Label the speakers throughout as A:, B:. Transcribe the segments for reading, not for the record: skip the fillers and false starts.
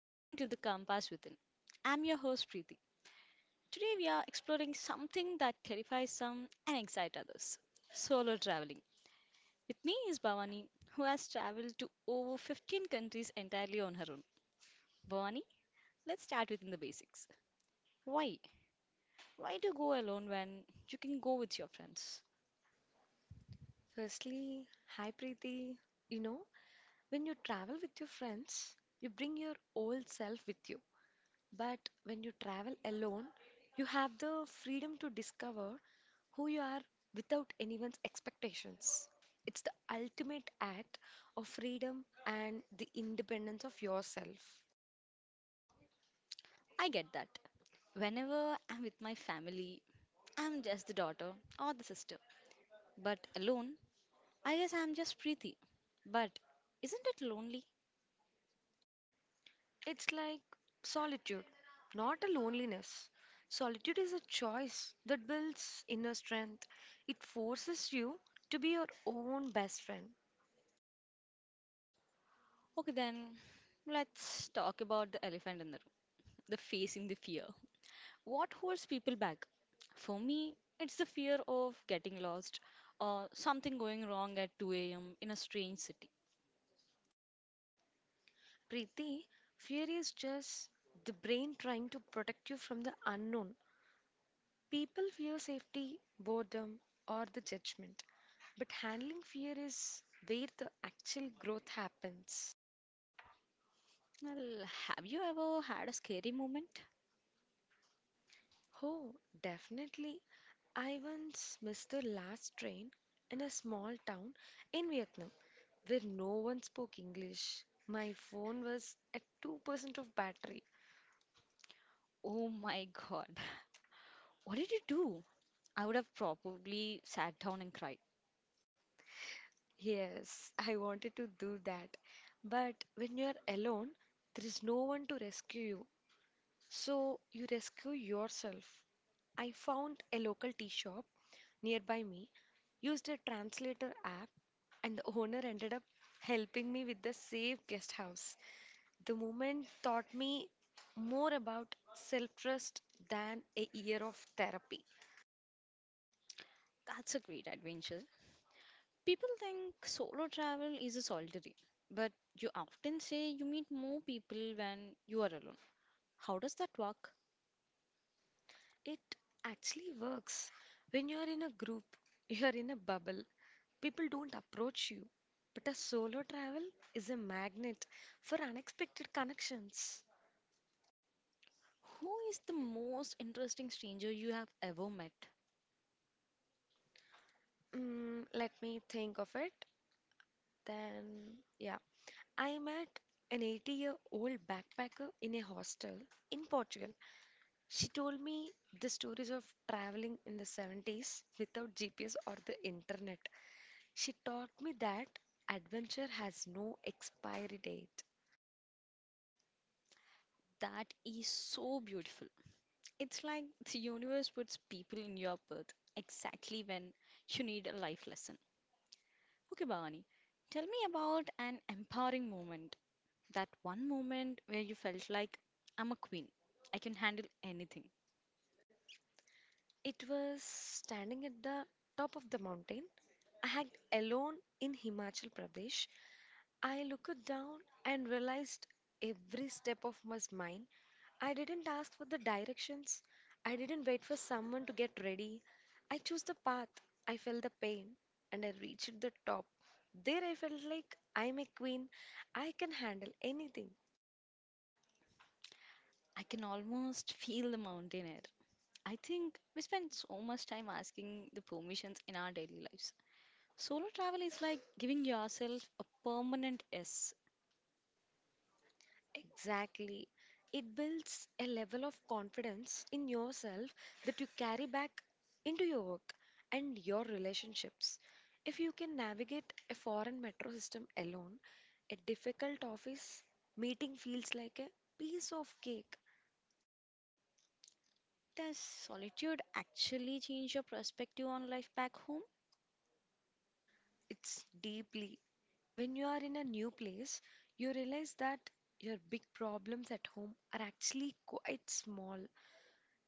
A: welcome to the Compass Within. I'm your host Preeti. Today we are exploring something that terrifies some and excites others solo traveling. With me is Bhavani, who has traveled to over 15 countries entirely on her own. Bhavani, let's start with the basics. Why? Why do you go alone when you can go with your friends?
B: Firstly, hi Preeti. You know, when you travel with your friends, you bring your old self with you. But when you travel alone, you have the freedom to discover who you are without anyone's expectations. It's the ultimate act of freedom and the independence of yourself.
A: I get that. Whenever I'm with my family, I'm just the daughter or the sister. But alone, I guess I'm just Preeti. But isn't it lonely?
B: It's like solitude, not a loneliness. Solitude is a choice that builds inner strength. It forces you to be your own best friend.
A: Okay, then let's talk about the elephant in the room the facing the fear. What holds people back? For me, it's the fear of getting lost or something going wrong at 2 a.m. in a strange city.
B: Preeti, fear is just the brain trying to protect you from the unknown. People fear safety, boredom, or the judgment. But handling fear is where the actual growth happens.
A: Well, have you ever had a scary moment?
B: Oh, definitely. I once missed the last train in a small town in Vietnam, where no one spoke English. My phone was at 2% of battery.
A: Oh my god. What did you do? I would have probably sat down and cried.
B: Yes, I wanted to do that. But when you are alone, there is no one to rescue you. So you rescue yourself. I found a local tea shop nearby me, used a translator app, and the owner ended up helping me with the safe guest house. The moment taught me more about self trust than a year of therapy.
A: That's a great adventure. People think solo travel is a solitary, but you often say you meet more people when you are alone. How does that work?
B: It actually works. When you're in a group, you're in a bubble. People don't approach you. But a solo travel is a magnet for unexpected connections.
A: Who is the most interesting stranger you have ever met?
B: Mm, let me think of it. Then, yeah, I met an 80-year-old year old backpacker in a hostel in Portugal. She told me the stories of traveling in the 70s without GPS or the internet. She taught me that adventure has no expiry date.
A: That is so beautiful. It's like the universe puts people in your path exactly when you need a life lesson. Okay, Bhavani, tell me about an empowering moment. That one moment where you felt like I'm a queen. I can handle anything.
B: It was standing at the top of the mountain. I had alone in Himachal Pradesh. I looked down and realized every step of was mine. I didn't ask for the directions. I didn't wait for someone to get ready. I chose the path. I felt the pain and I reached the top. There I felt like I'm a queen. I can handle anything.
A: I can almost feel the mountain air. I think we spend so much time asking the permissions in our daily lives. Solo travel is like giving yourself a permanent yes.
B: Exactly. It builds a level of confidence in yourself that you carry back into your work and your relationships. If you can navigate a foreign metro system alone, a difficult office meeting feels like a piece of cake.
A: Does solitude actually change your perspective on life back home?
B: It's deeply. When you are in a new place, you realize that your big problems at home are actually quite small.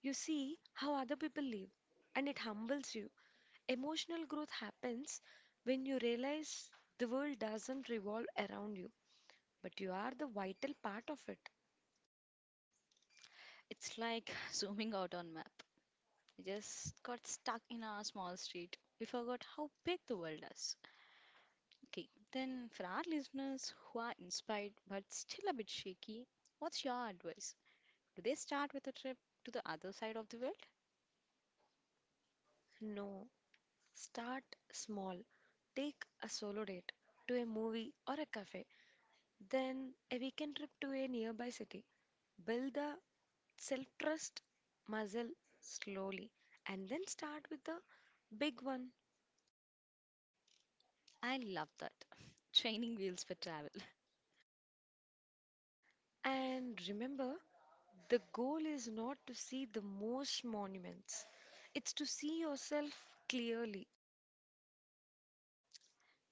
B: You see how other people live, and it humbles you. Emotional growth happens when you realize the world doesn't revolve around you, but you are the vital part of it.
A: It's like zooming out on map. We just got stuck in our small street. We forgot how big the world is. Okay, then for our listeners who are inspired but still a bit shaky, what's your advice? Do they start with a trip to the other side of the world?
B: No, start small. Take a solo date to a movie or a cafe, then a weekend trip to a nearby city. Build the self trust muscle slowly, and then start with the big one.
A: I love that. Training wheels for travel.
B: And remember, the goal is not to see the most monuments, it's to see yourself clearly.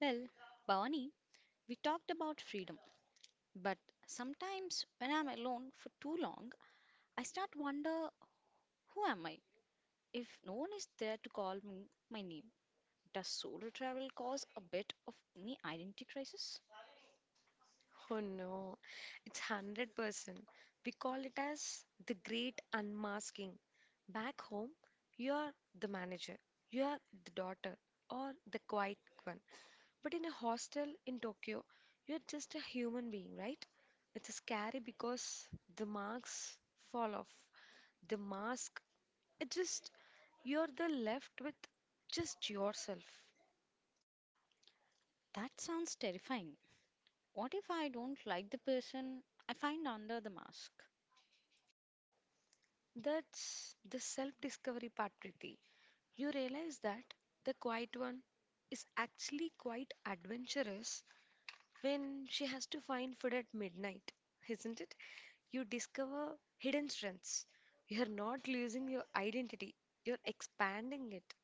A: Well, Bhavani, we talked about freedom, but sometimes when I'm alone for too long, I start wonder who am I? If no one is there to call me my name, does solo travel cause a bit of any identity crisis?
B: Oh no, it's 100%. We call it as the great unmasking. Back home, you are the manager, you are the daughter, or the quiet one. But in a hostel in Tokyo, you're just a human being, right? It's scary because the marks fall off. The mask, it just, you're the left with just yourself.
A: That sounds terrifying. What if I don't like the person I find under the mask?
B: That's the self discovery part, Preeti. You realize that the quiet one is actually quite adventurous when she has to find food at midnight, isn't it? You discover hidden strengths. You're not losing your identity, you're expanding it.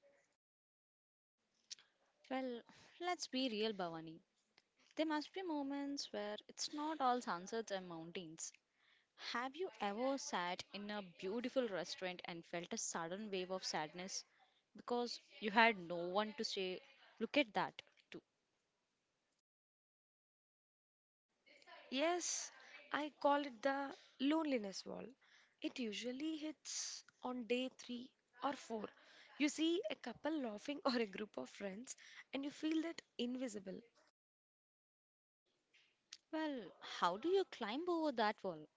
A: Well, let's be real, Bhavani. There must be moments where it's not all sunsets and mountains. Have you ever sat in a beautiful restaurant and felt a sudden wave of sadness because you had no one to say, Look at that, too?
B: Yes, I call it the loneliness wall. It usually hits on day three or four. You see a couple laughing or a group of friends, and you feel that invisible.
A: Well, how do you climb over that wall?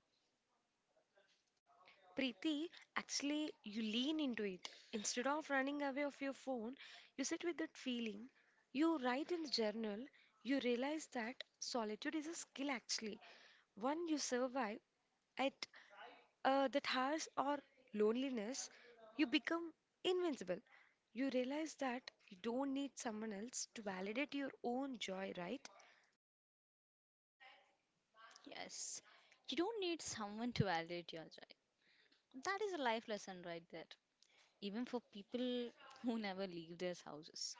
B: Preeti, actually, you lean into it. Instead of running away of your phone, you sit with that feeling. You write in the journal. You realize that solitude is a skill, actually. One you survive at that harsh or loneliness, you become invincible. You realize that you don't need someone else to validate your own joy, right?
A: Yes, you don't need someone to validate your joy. That is a life lesson right there, even for people who never leave their houses.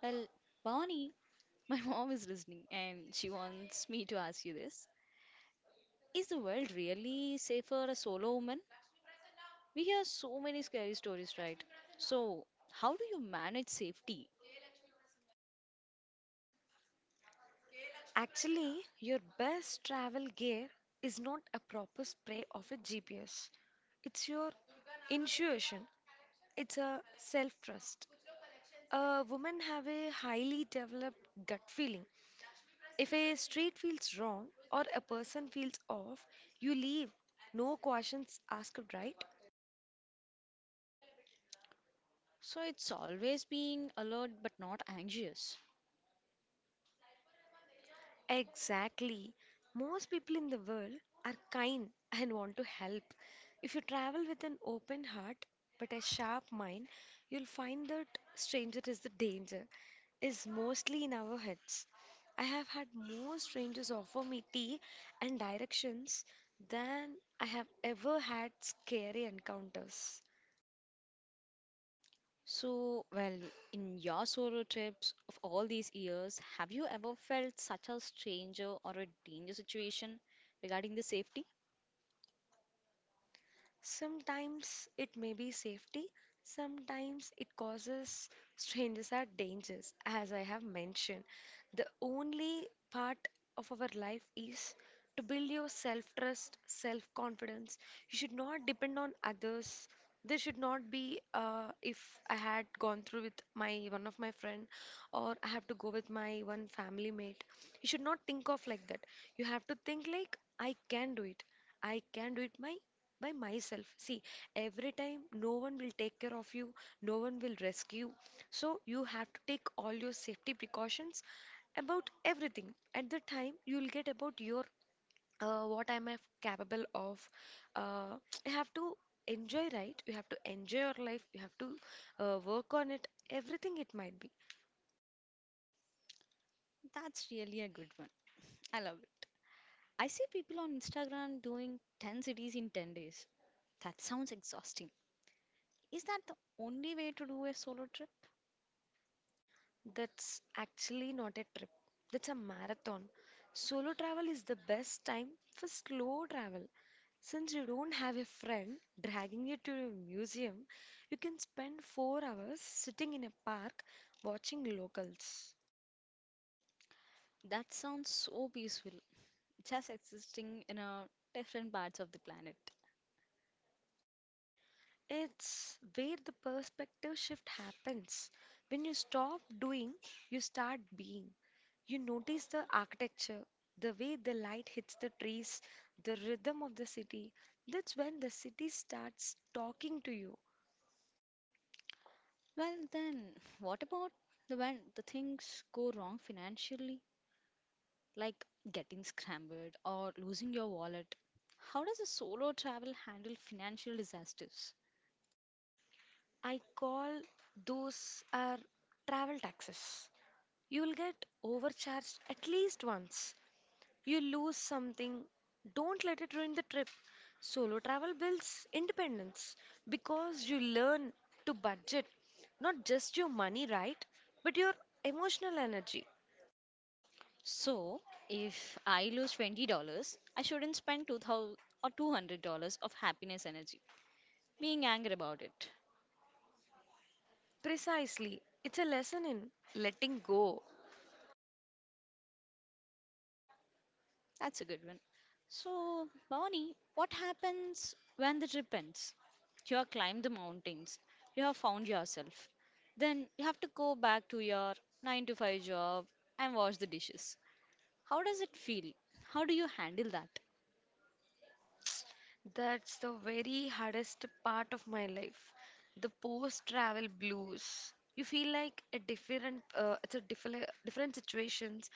A: Well, Bonnie, my mom is listening and she wants me to ask you this. Is the world really safe for a solo woman? We hear so many scary stories, right? So, how do you manage safety?
B: Actually, your best travel gear is not a proper spray of a GPS. It's your intuition. It's a self-trust. A woman have a highly developed gut feeling. If a street feels wrong or a person feels off, you leave. No questions asked, right?
A: So, it's always being alert but not anxious.
B: Exactly. Most people in the world are kind and want to help. If you travel with an open heart but a sharp mind, you'll find that stranger is the danger, is mostly in our heads. I have had more strangers offer me tea and directions than I have ever had scary encounters.
A: So, well, in your solo trips of all these years, have you ever felt such a stranger or a danger situation regarding the safety?
B: Sometimes it may be safety, sometimes it causes strangers are dangers, as I have mentioned. The only part of our life is to build your self trust, self confidence. You should not depend on others. There should not be, if I had gone through with my one of my friend, or I have to go with my one family mate. You should not think of like that. You have to think like I can do it. I can do it my by myself. See, every time no one will take care of you, no one will rescue. So you have to take all your safety precautions about everything. At the time, you'll get about your what am I capable of. Uh, you have to enjoy, right? You have to enjoy your life. You have to work on it. Everything it might be.
A: That's really a good one. I love it. I see people on Instagram doing 10 cities in 10 days. That sounds exhausting. Is that the only way to do a solo trip?
B: That's actually not a trip. That's a marathon. Solo travel is the best time for slow travel. Since you don't have a friend dragging you to a museum, you can spend 4 hours sitting in a park watching locals.
A: That sounds so peaceful, just existing in a different parts of the planet.
B: It's where the perspective shift happens. When you stop doing, you start being. You notice the architecture, the way the light hits the trees, the rhythm of the city. That's when the city starts talking to you.
A: Well, then, what about the when the things go wrong financially, like getting scrambled or losing your wallet? How does a solo travel handle financial disasters?
B: I call those are travel taxes. You'll get overcharged at least once. You lose something. Don't let it ruin the trip. Solo travel builds independence because you learn to budget not just your money, right? But your emotional energy.
A: So, if I lose $20, I shouldn't spend 2000 or $200 of happiness energy being angry about it.
B: Precisely. It's a lesson in letting go.
A: That's a good one. So, Bhavani, what happens when the trip ends? You have climbed the mountains, you have found yourself. Then you have to go back to your 9 to 5 job and wash the dishes. How does it feel? How do you handle that?
B: That's the very hardest part of my life, the post-travel blues. You feel like a different, it's a different situations,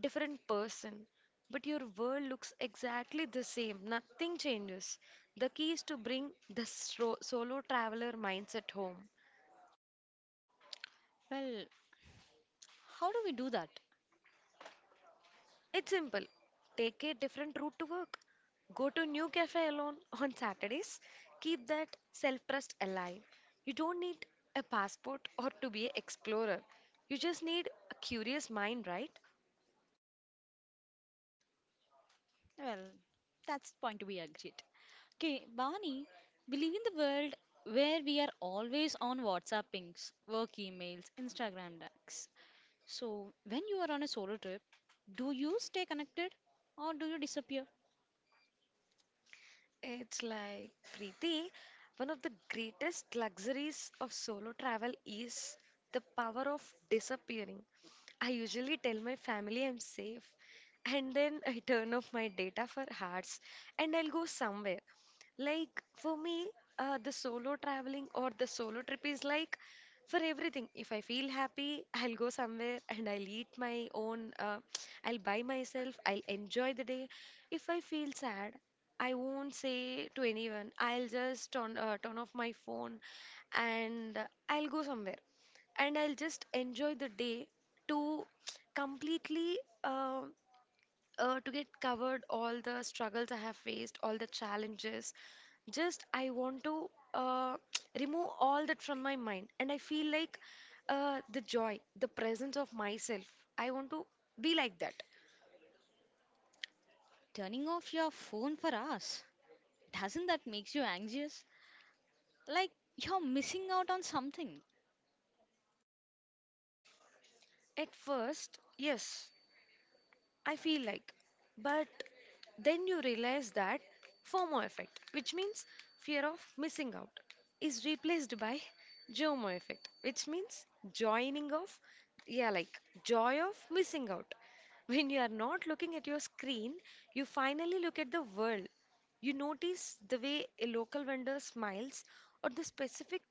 B: different person, but your world looks exactly the same. Nothing changes. The key is to bring the solo traveler mindset home.
A: Well, how do we do that?
B: It's simple. Take a different route to work. Go to new cafe alone on Saturdays. Keep that self-trust alive. You don't need a passport or to be an explorer. You just need a curious mind, right?
A: Well, that's the point we agreed. Okay, Bhavani, we live in the world where we are always on WhatsApp pings, work emails, Instagram DAX. So, when you are on a solo trip, do you stay connected or do you disappear?
B: It's like, Preeti, one of the greatest luxuries of solo travel is the power of disappearing. I usually tell my family I'm safe, and then I turn off my data for hours and I'll go somewhere. Like, for me, the solo traveling or the solo trip is like for everything. If I feel happy, I'll go somewhere and I'll eat my own, I'll buy myself, I'll enjoy the day. If I feel sad, I won't say to anyone. I'll just turn off my phone and I'll go somewhere and I'll just enjoy the day to completely uh, to get covered all the struggles I have faced, all the challenges. Just I want to remove all that from my mind, and I feel like the joy, the presence of myself. I want to be like that.
A: Turning off your phone for hours, doesn't that make you anxious? Like you're missing out on something.
B: At first, yes, I feel like. But then you realize that FOMO effect, which means fear of missing out, is replaced by JOMO effect, which means joining of, yeah, like joy of missing out. When you are not looking at your screen, you finally look at the world. You notice the way a local vendor smiles or the specific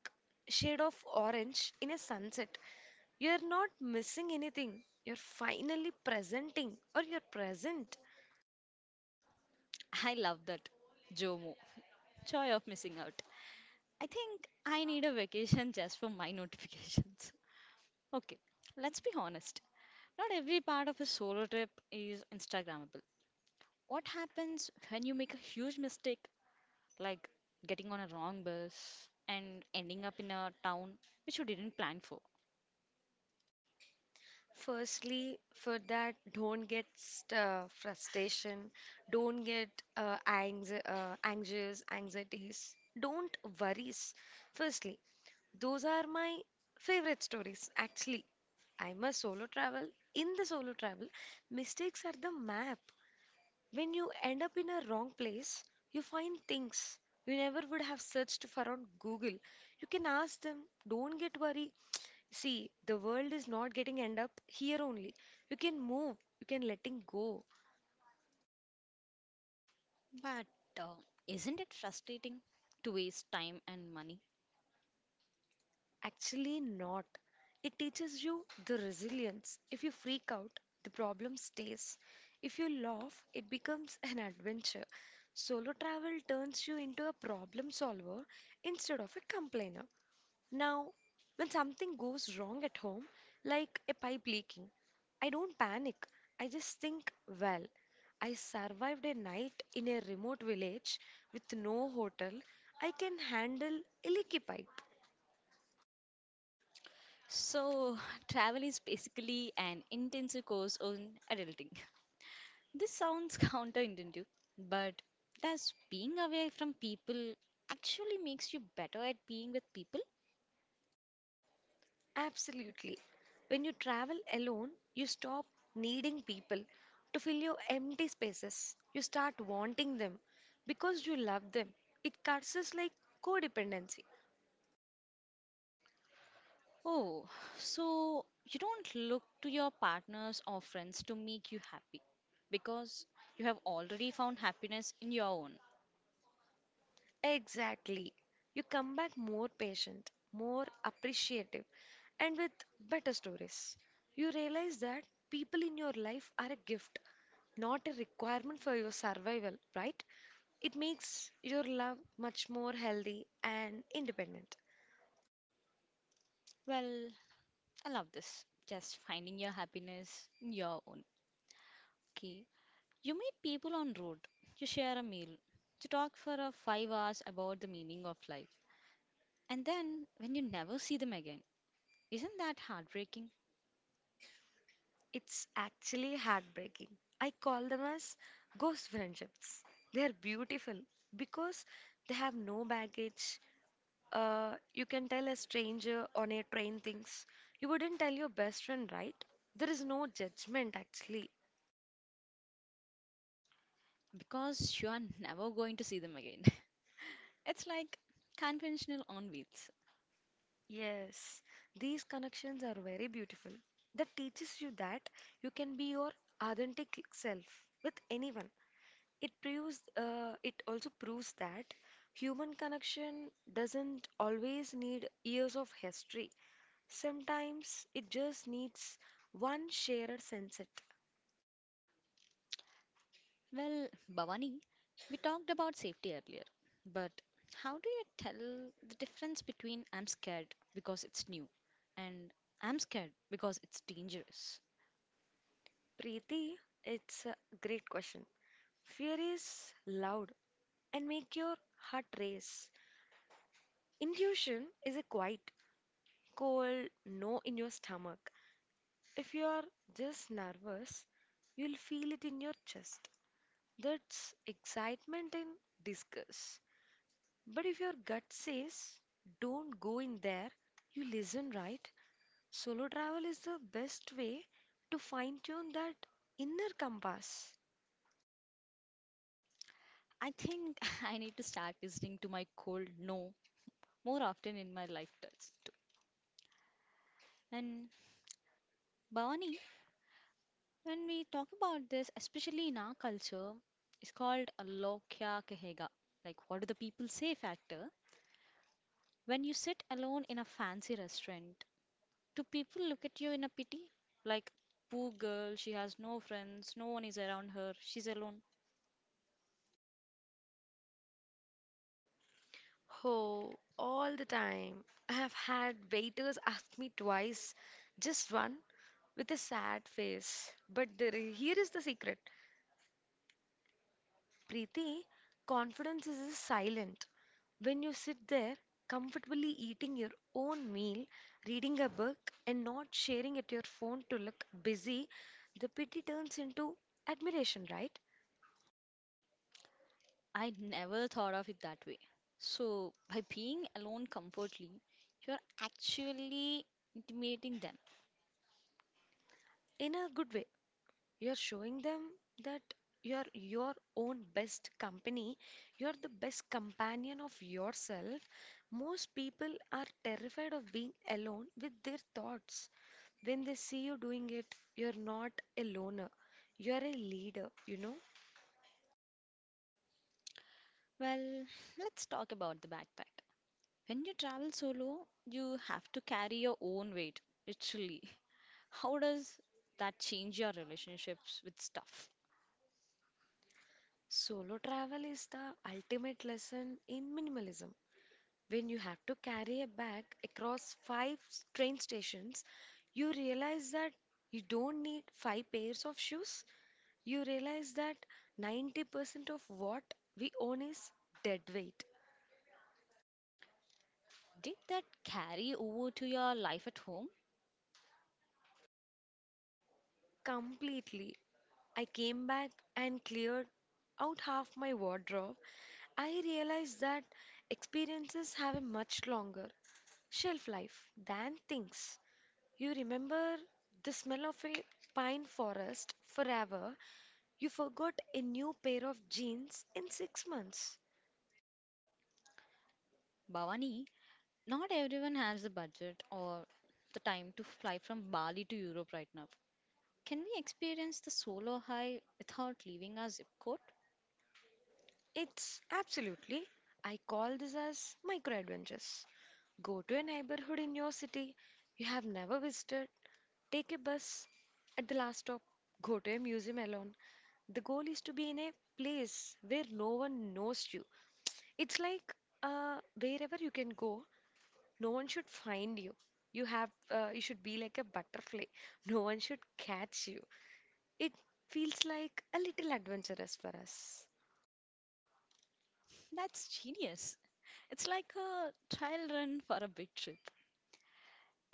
B: shade of orange in a sunset. You're not missing anything. You're finally presenting or you're present.
A: I love that. JOMO, joy of missing out. I think I need a vacation just for my notifications. Okay, let's be honest. Not every part of a solo trip is Instagrammable. What happens when you make a huge mistake like getting on a wrong bus and ending up in a town which you didn't plan for.
B: Firstly, for that, don't get frustration, don't get anxious, anxieties, don't worries. Firstly, those are my favorite stories. Actually, I'm a solo travel. In the solo travel, mistakes are the map. When you end up in a wrong place, you find things you never would have searched for on Google. You can ask them, don't get worried. See, the world is not getting end up here only. You can move, you can letting go.
A: But uh, isn't it frustrating? To waste time and money.
B: Actually, not. It teaches you the resilience. If you freak out, the problem stays. If you laugh, it becomes an adventure. Solo travel turns you into a problem solver instead of a complainer. Now, when something goes wrong at home, like a pipe leaking, I don't panic. I just think, well, I survived a night in a remote village with no hotel. I can handle a leaky pipe.
A: So, travel is basically an intensive course on adulting. This sounds counterintuitive, but does being away from people actually makes you better at being with people?
B: Absolutely. When you travel alone, you stop needing people to fill your empty spaces. You start wanting them because you love them. It cuts us like codependency.
A: Oh, so you don't look to your partners or friends to make you happy because you have already found happiness in your own.
B: Exactly. You come back more patient, more appreciative, and with better stories. You realize that people in your life are a gift, not a requirement for your survival, right? It makes your love much more healthy and independent.
A: Well, I love this. Just finding your happiness in your own. Okay. You meet people on road, you share a meal, you talk for a 5 hours about the meaning of life. And then when you never see them again, isn't that heartbreaking?
B: It's actually heartbreaking. I call them as ghost friendships. They are beautiful because they have no baggage. You can tell a stranger on a train things you wouldn't tell your best friend, right? There is no judgment actually.
A: Because you are never going to see them again. It's like conventional on wheels.
B: Yes, these connections are very beautiful. That teaches you that you can be your authentic self with anyone. It also proves that human connection doesn't always need years of history. Sometimes it just needs one shared sunset.
A: Well, Bhavani, we talked about safety earlier, but how do you tell the difference between I'm scared because it's new and I'm scared because it's dangerous?
B: Preeti, it's a great question. Fear is loud and make your heart race. Intuition is a quiet, cold no in your stomach. If you are just nervous, you'll feel it in your chest. That's excitement in disguise. But if your gut says don't go in there, you listen, right? Solo travel is the best way to fine tune that inner compass.
A: I think I need to start listening to my cold no more often in my life test too. And Bhavani, when we talk about this, especially in our culture, it's called a lo kya kahega, like what do the people say factor. When you sit alone in a fancy restaurant do people look at you in a pity? Like, poor girl, she has no friends, no one is around her, she's alone.
B: Oh, all the time. I have had waiters ask me twice, just one with a sad face. But there, here is the secret Preeti, confidence is silent. When you sit there comfortably eating your own meal, reading a book, and not sharing at your phone to look busy, the pity turns into admiration, right?
A: I never thought of it that way. So, by being alone comfortably, you're actually intimating them.
B: In a good way. You're showing them that you're your own best company, you're the best companion of yourself. Most people are terrified of being alone with their thoughts. When they see you doing it, you're not a loner, you're a leader, you know.
A: Well, let's talk about the backpack. When you travel solo, you have to carry your own weight, literally. How does that change your relationships with stuff?
B: Solo travel is the ultimate lesson in minimalism. When you have to carry a bag across train stations, you realize that you don't need five pairs of shoes. You realize that 90% of what we own is dead weight.
A: Did that carry over to your life at home?
B: Completely. I came back and cleared out half my wardrobe. I realized that experiences have a much longer shelf life than things. You remember the smell of a pine forest forever. You forgot a new pair of jeans in 6 months.
A: Bhavani, not everyone has the budget or the time to fly from Bali to Europe right now. Can we experience the solo high without leaving our zip code?
B: It's absolutely. I call this as micro adventures. Go to a neighborhood in your city you have never visited. Take a bus at the last stop, go to a museum alone. The goal is to be in a place where no one knows you. It's like wherever you can go, no one should find you. You have you should be like a butterfly. No one should catch you. It feels like a little adventurous for us.
A: That's genius. It's like a trial run for a big trip.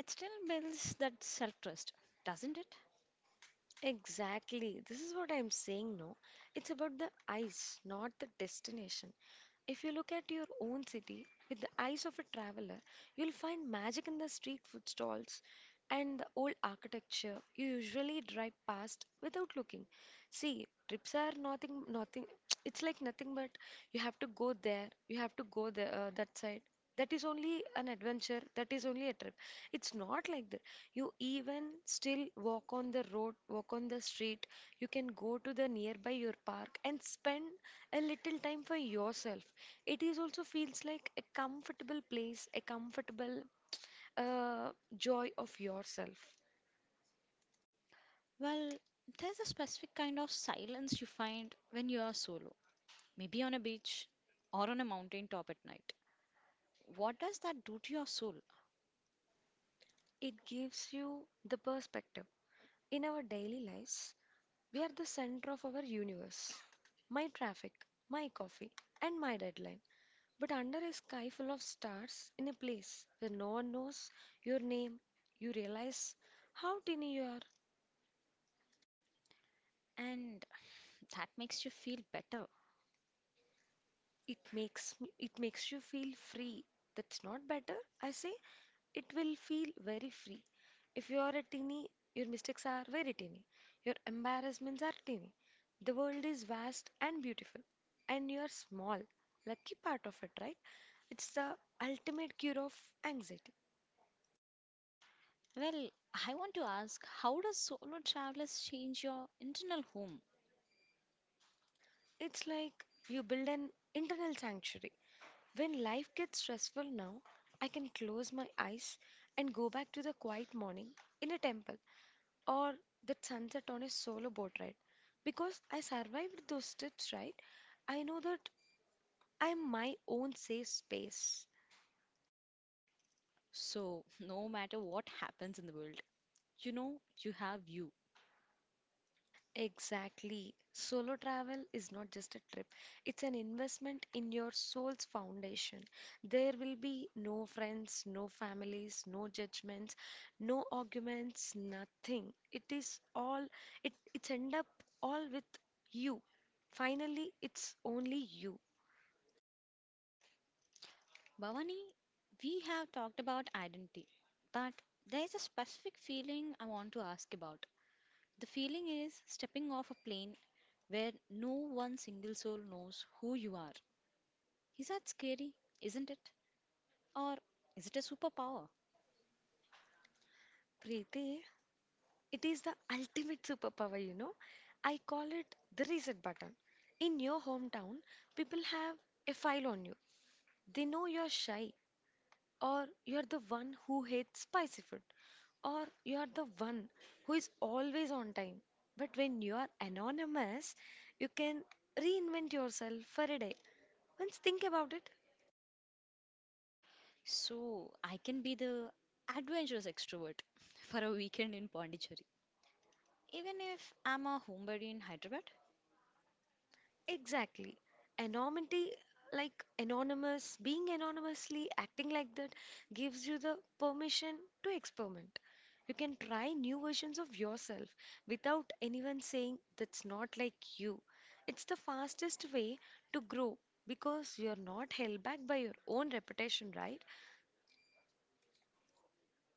A: It still builds that self trust, doesn't it?
B: Exactly. This is what I'm saying, no? It's about the eyes, not the destination. If you look at your own city with the eyes of a traveler, you'll find magic in the street food stalls and the old architecture you usually drive past without looking. See, trips are nothing, nothing, it's like nothing but you have to go there, you have to go there, that side. That is only an adventure, that is only a trip. It's not like that. You even still walk on the road, walk on the street, you can go to the nearby your park and spend a little time for yourself, it is also feels like a comfortable place, a comfortable uh, joy of yourself.
A: Well, there's a specific kind of silence you find when you are solo, maybe on a beach or on a mountain top at night. What does that do to your soul?
B: It gives you the perspective. In our daily lives, we are the center of our universe. My traffic, my coffee, and my deadline. But under a sky full of stars, in a place where no one knows your name, you realize how tiny you are.
A: And that makes you feel better.
B: It makes you feel free. That's not better, I say. It will feel very free. If you are a teeny, your mistakes are very teeny. Your embarrassments are teeny. The world is vast and beautiful, and you are small. Lucky part of it, right? It's the ultimate cure of anxiety.
A: Well, I want to ask how does solo travelers change your internal home?
B: It's like you build an internal sanctuary. When life gets stressful now, I can close my eyes and go back to the quiet morning in a temple or that sunset on a solo boat ride. Because I survived those trips, right? I know that I'm my own safe space.
A: So, no matter what happens in the world, you know you have you.
B: Exactly. Solo travel is not just a trip, it's an investment in your soul's foundation. There will be no friends, no families, no judgments, no arguments, nothing. It is it's end up all with you. Finally, it's only you.
A: Bhavani, we have talked about identity, but there's a specific feeling I want to ask about. The feeling is stepping off a plane where no one single soul knows who you are. Is that scary? Isn't it? Or is it a superpower?
B: Preeti, it is the ultimate superpower, you know. I call it the reset button. In your hometown, people have a file on you. They know you're shy, or you're the one who hates spicy food, or you're the one who is always on time. But when you are anonymous, you can reinvent yourself for a day. Once think about it.
A: So I can be the adventurous extrovert for a weekend in Pondicherry. Even if I'm a homebody in Hyderabad,
B: Exactly. Anonymity, like anonymous, being anonymously acting like that gives you the permission to experiment. You can try new versions of yourself without anyone saying that's not like you. It's the fastest way to grow because you're not held back by your own reputation, right?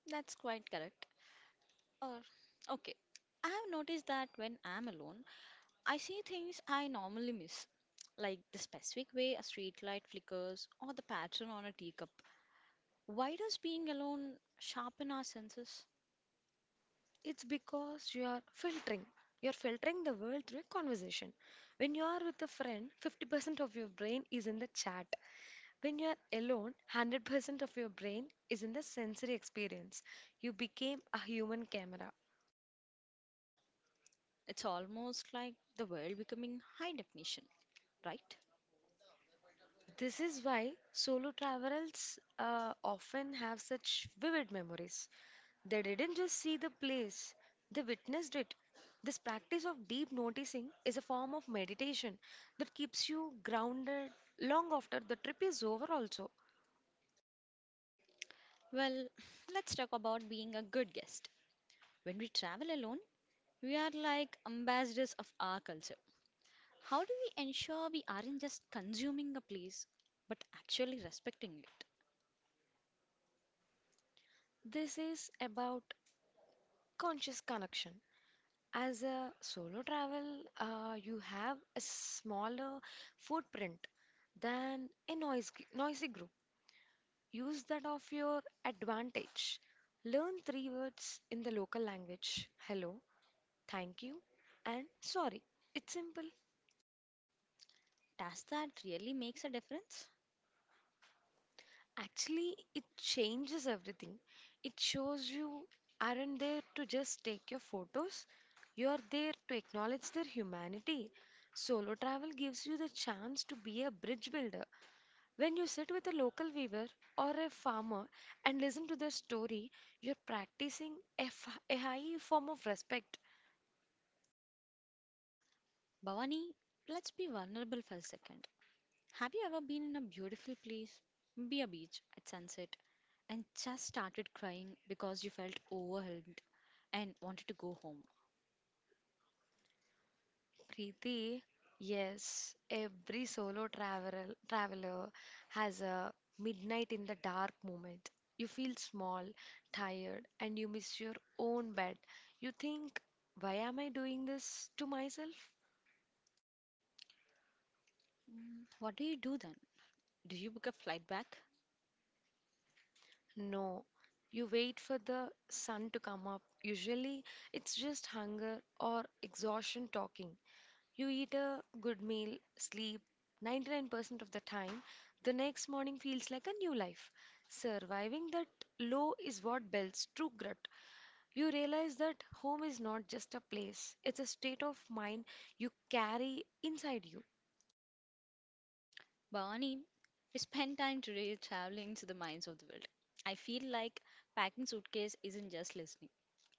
A: that's quite correct. Or, okay, I have noticed that when I'm alone, I see things I normally miss, like the specific way a street light flickers or the pattern on a teacup. Why does being alone sharpen our senses?
B: It's because you are filtering. You're filtering the world through a conversation. When you are with a friend, 50% of your brain is in the chat. When you're alone, 100% of your brain is in the sensory experience. You became a human camera.
A: It's almost like the world becoming high definition, right?
B: This is why solo travelers often have such vivid memories. They didn't just see the place, they witnessed it. This practice of deep noticing is a form of meditation that keeps you grounded long after the trip is over, also.
A: Well, let's talk about being a good guest. When we travel alone, we are like ambassadors of our culture. How do we ensure we aren't just consuming a place, but actually respecting it?
B: This is about conscious connection. As a solo travel, you have a smaller footprint than a noisy group. Use that of your advantage. Learn three words in the local language: hello, thank you, and sorry. It's simple.
A: Does that really makes a difference?
B: Actually, it changes everything. It shows you aren't there to just take your photos, you are there to acknowledge their humanity. Solo travel gives you the chance to be a bridge builder. When you sit with a local weaver or a farmer and listen to their story, you're practicing a high form of respect.
A: Bhavani, let's be vulnerable for a second. Have you ever been in a beautiful place, maybe a beach at sunset, and just started crying because you felt overwhelmed and wanted to go home?
B: Preeti, yes, every solo traveler has a midnight in the dark moment. You feel small, tired, and you miss your own bed. You think, why am I doing this to myself?
A: What do you do then? Do you book a flight back?
B: No, you wait for the sun to come up. Usually, it's just hunger or exhaustion talking. You eat a good meal, sleep 99% of the time. The next morning feels like a new life. Surviving that low is what builds true grit. You realize that home is not just a place, it's a state of mind you carry inside you.
A: Barney, we spent time today traveling to the minds of the world. I feel like packing suitcase isn't just listening.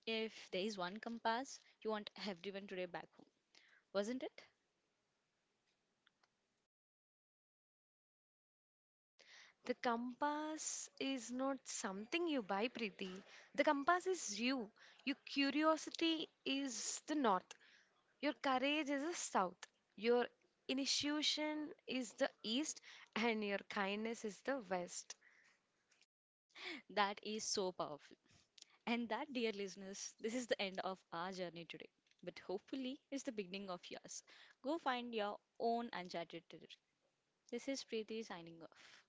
A: If there is one compass, you want everyone today back home, wasn't it?
B: The compass is not something you buy, Preeti. The compass is you. Your curiosity is the north. Your courage is the south. Your initiation is the east, and your kindness is the west.
A: That is so powerful. And that, dear listeners, this is the end of our journey today. But hopefully, it's the beginning of yours. Go find your own uncharted territory. This is Preeti signing off.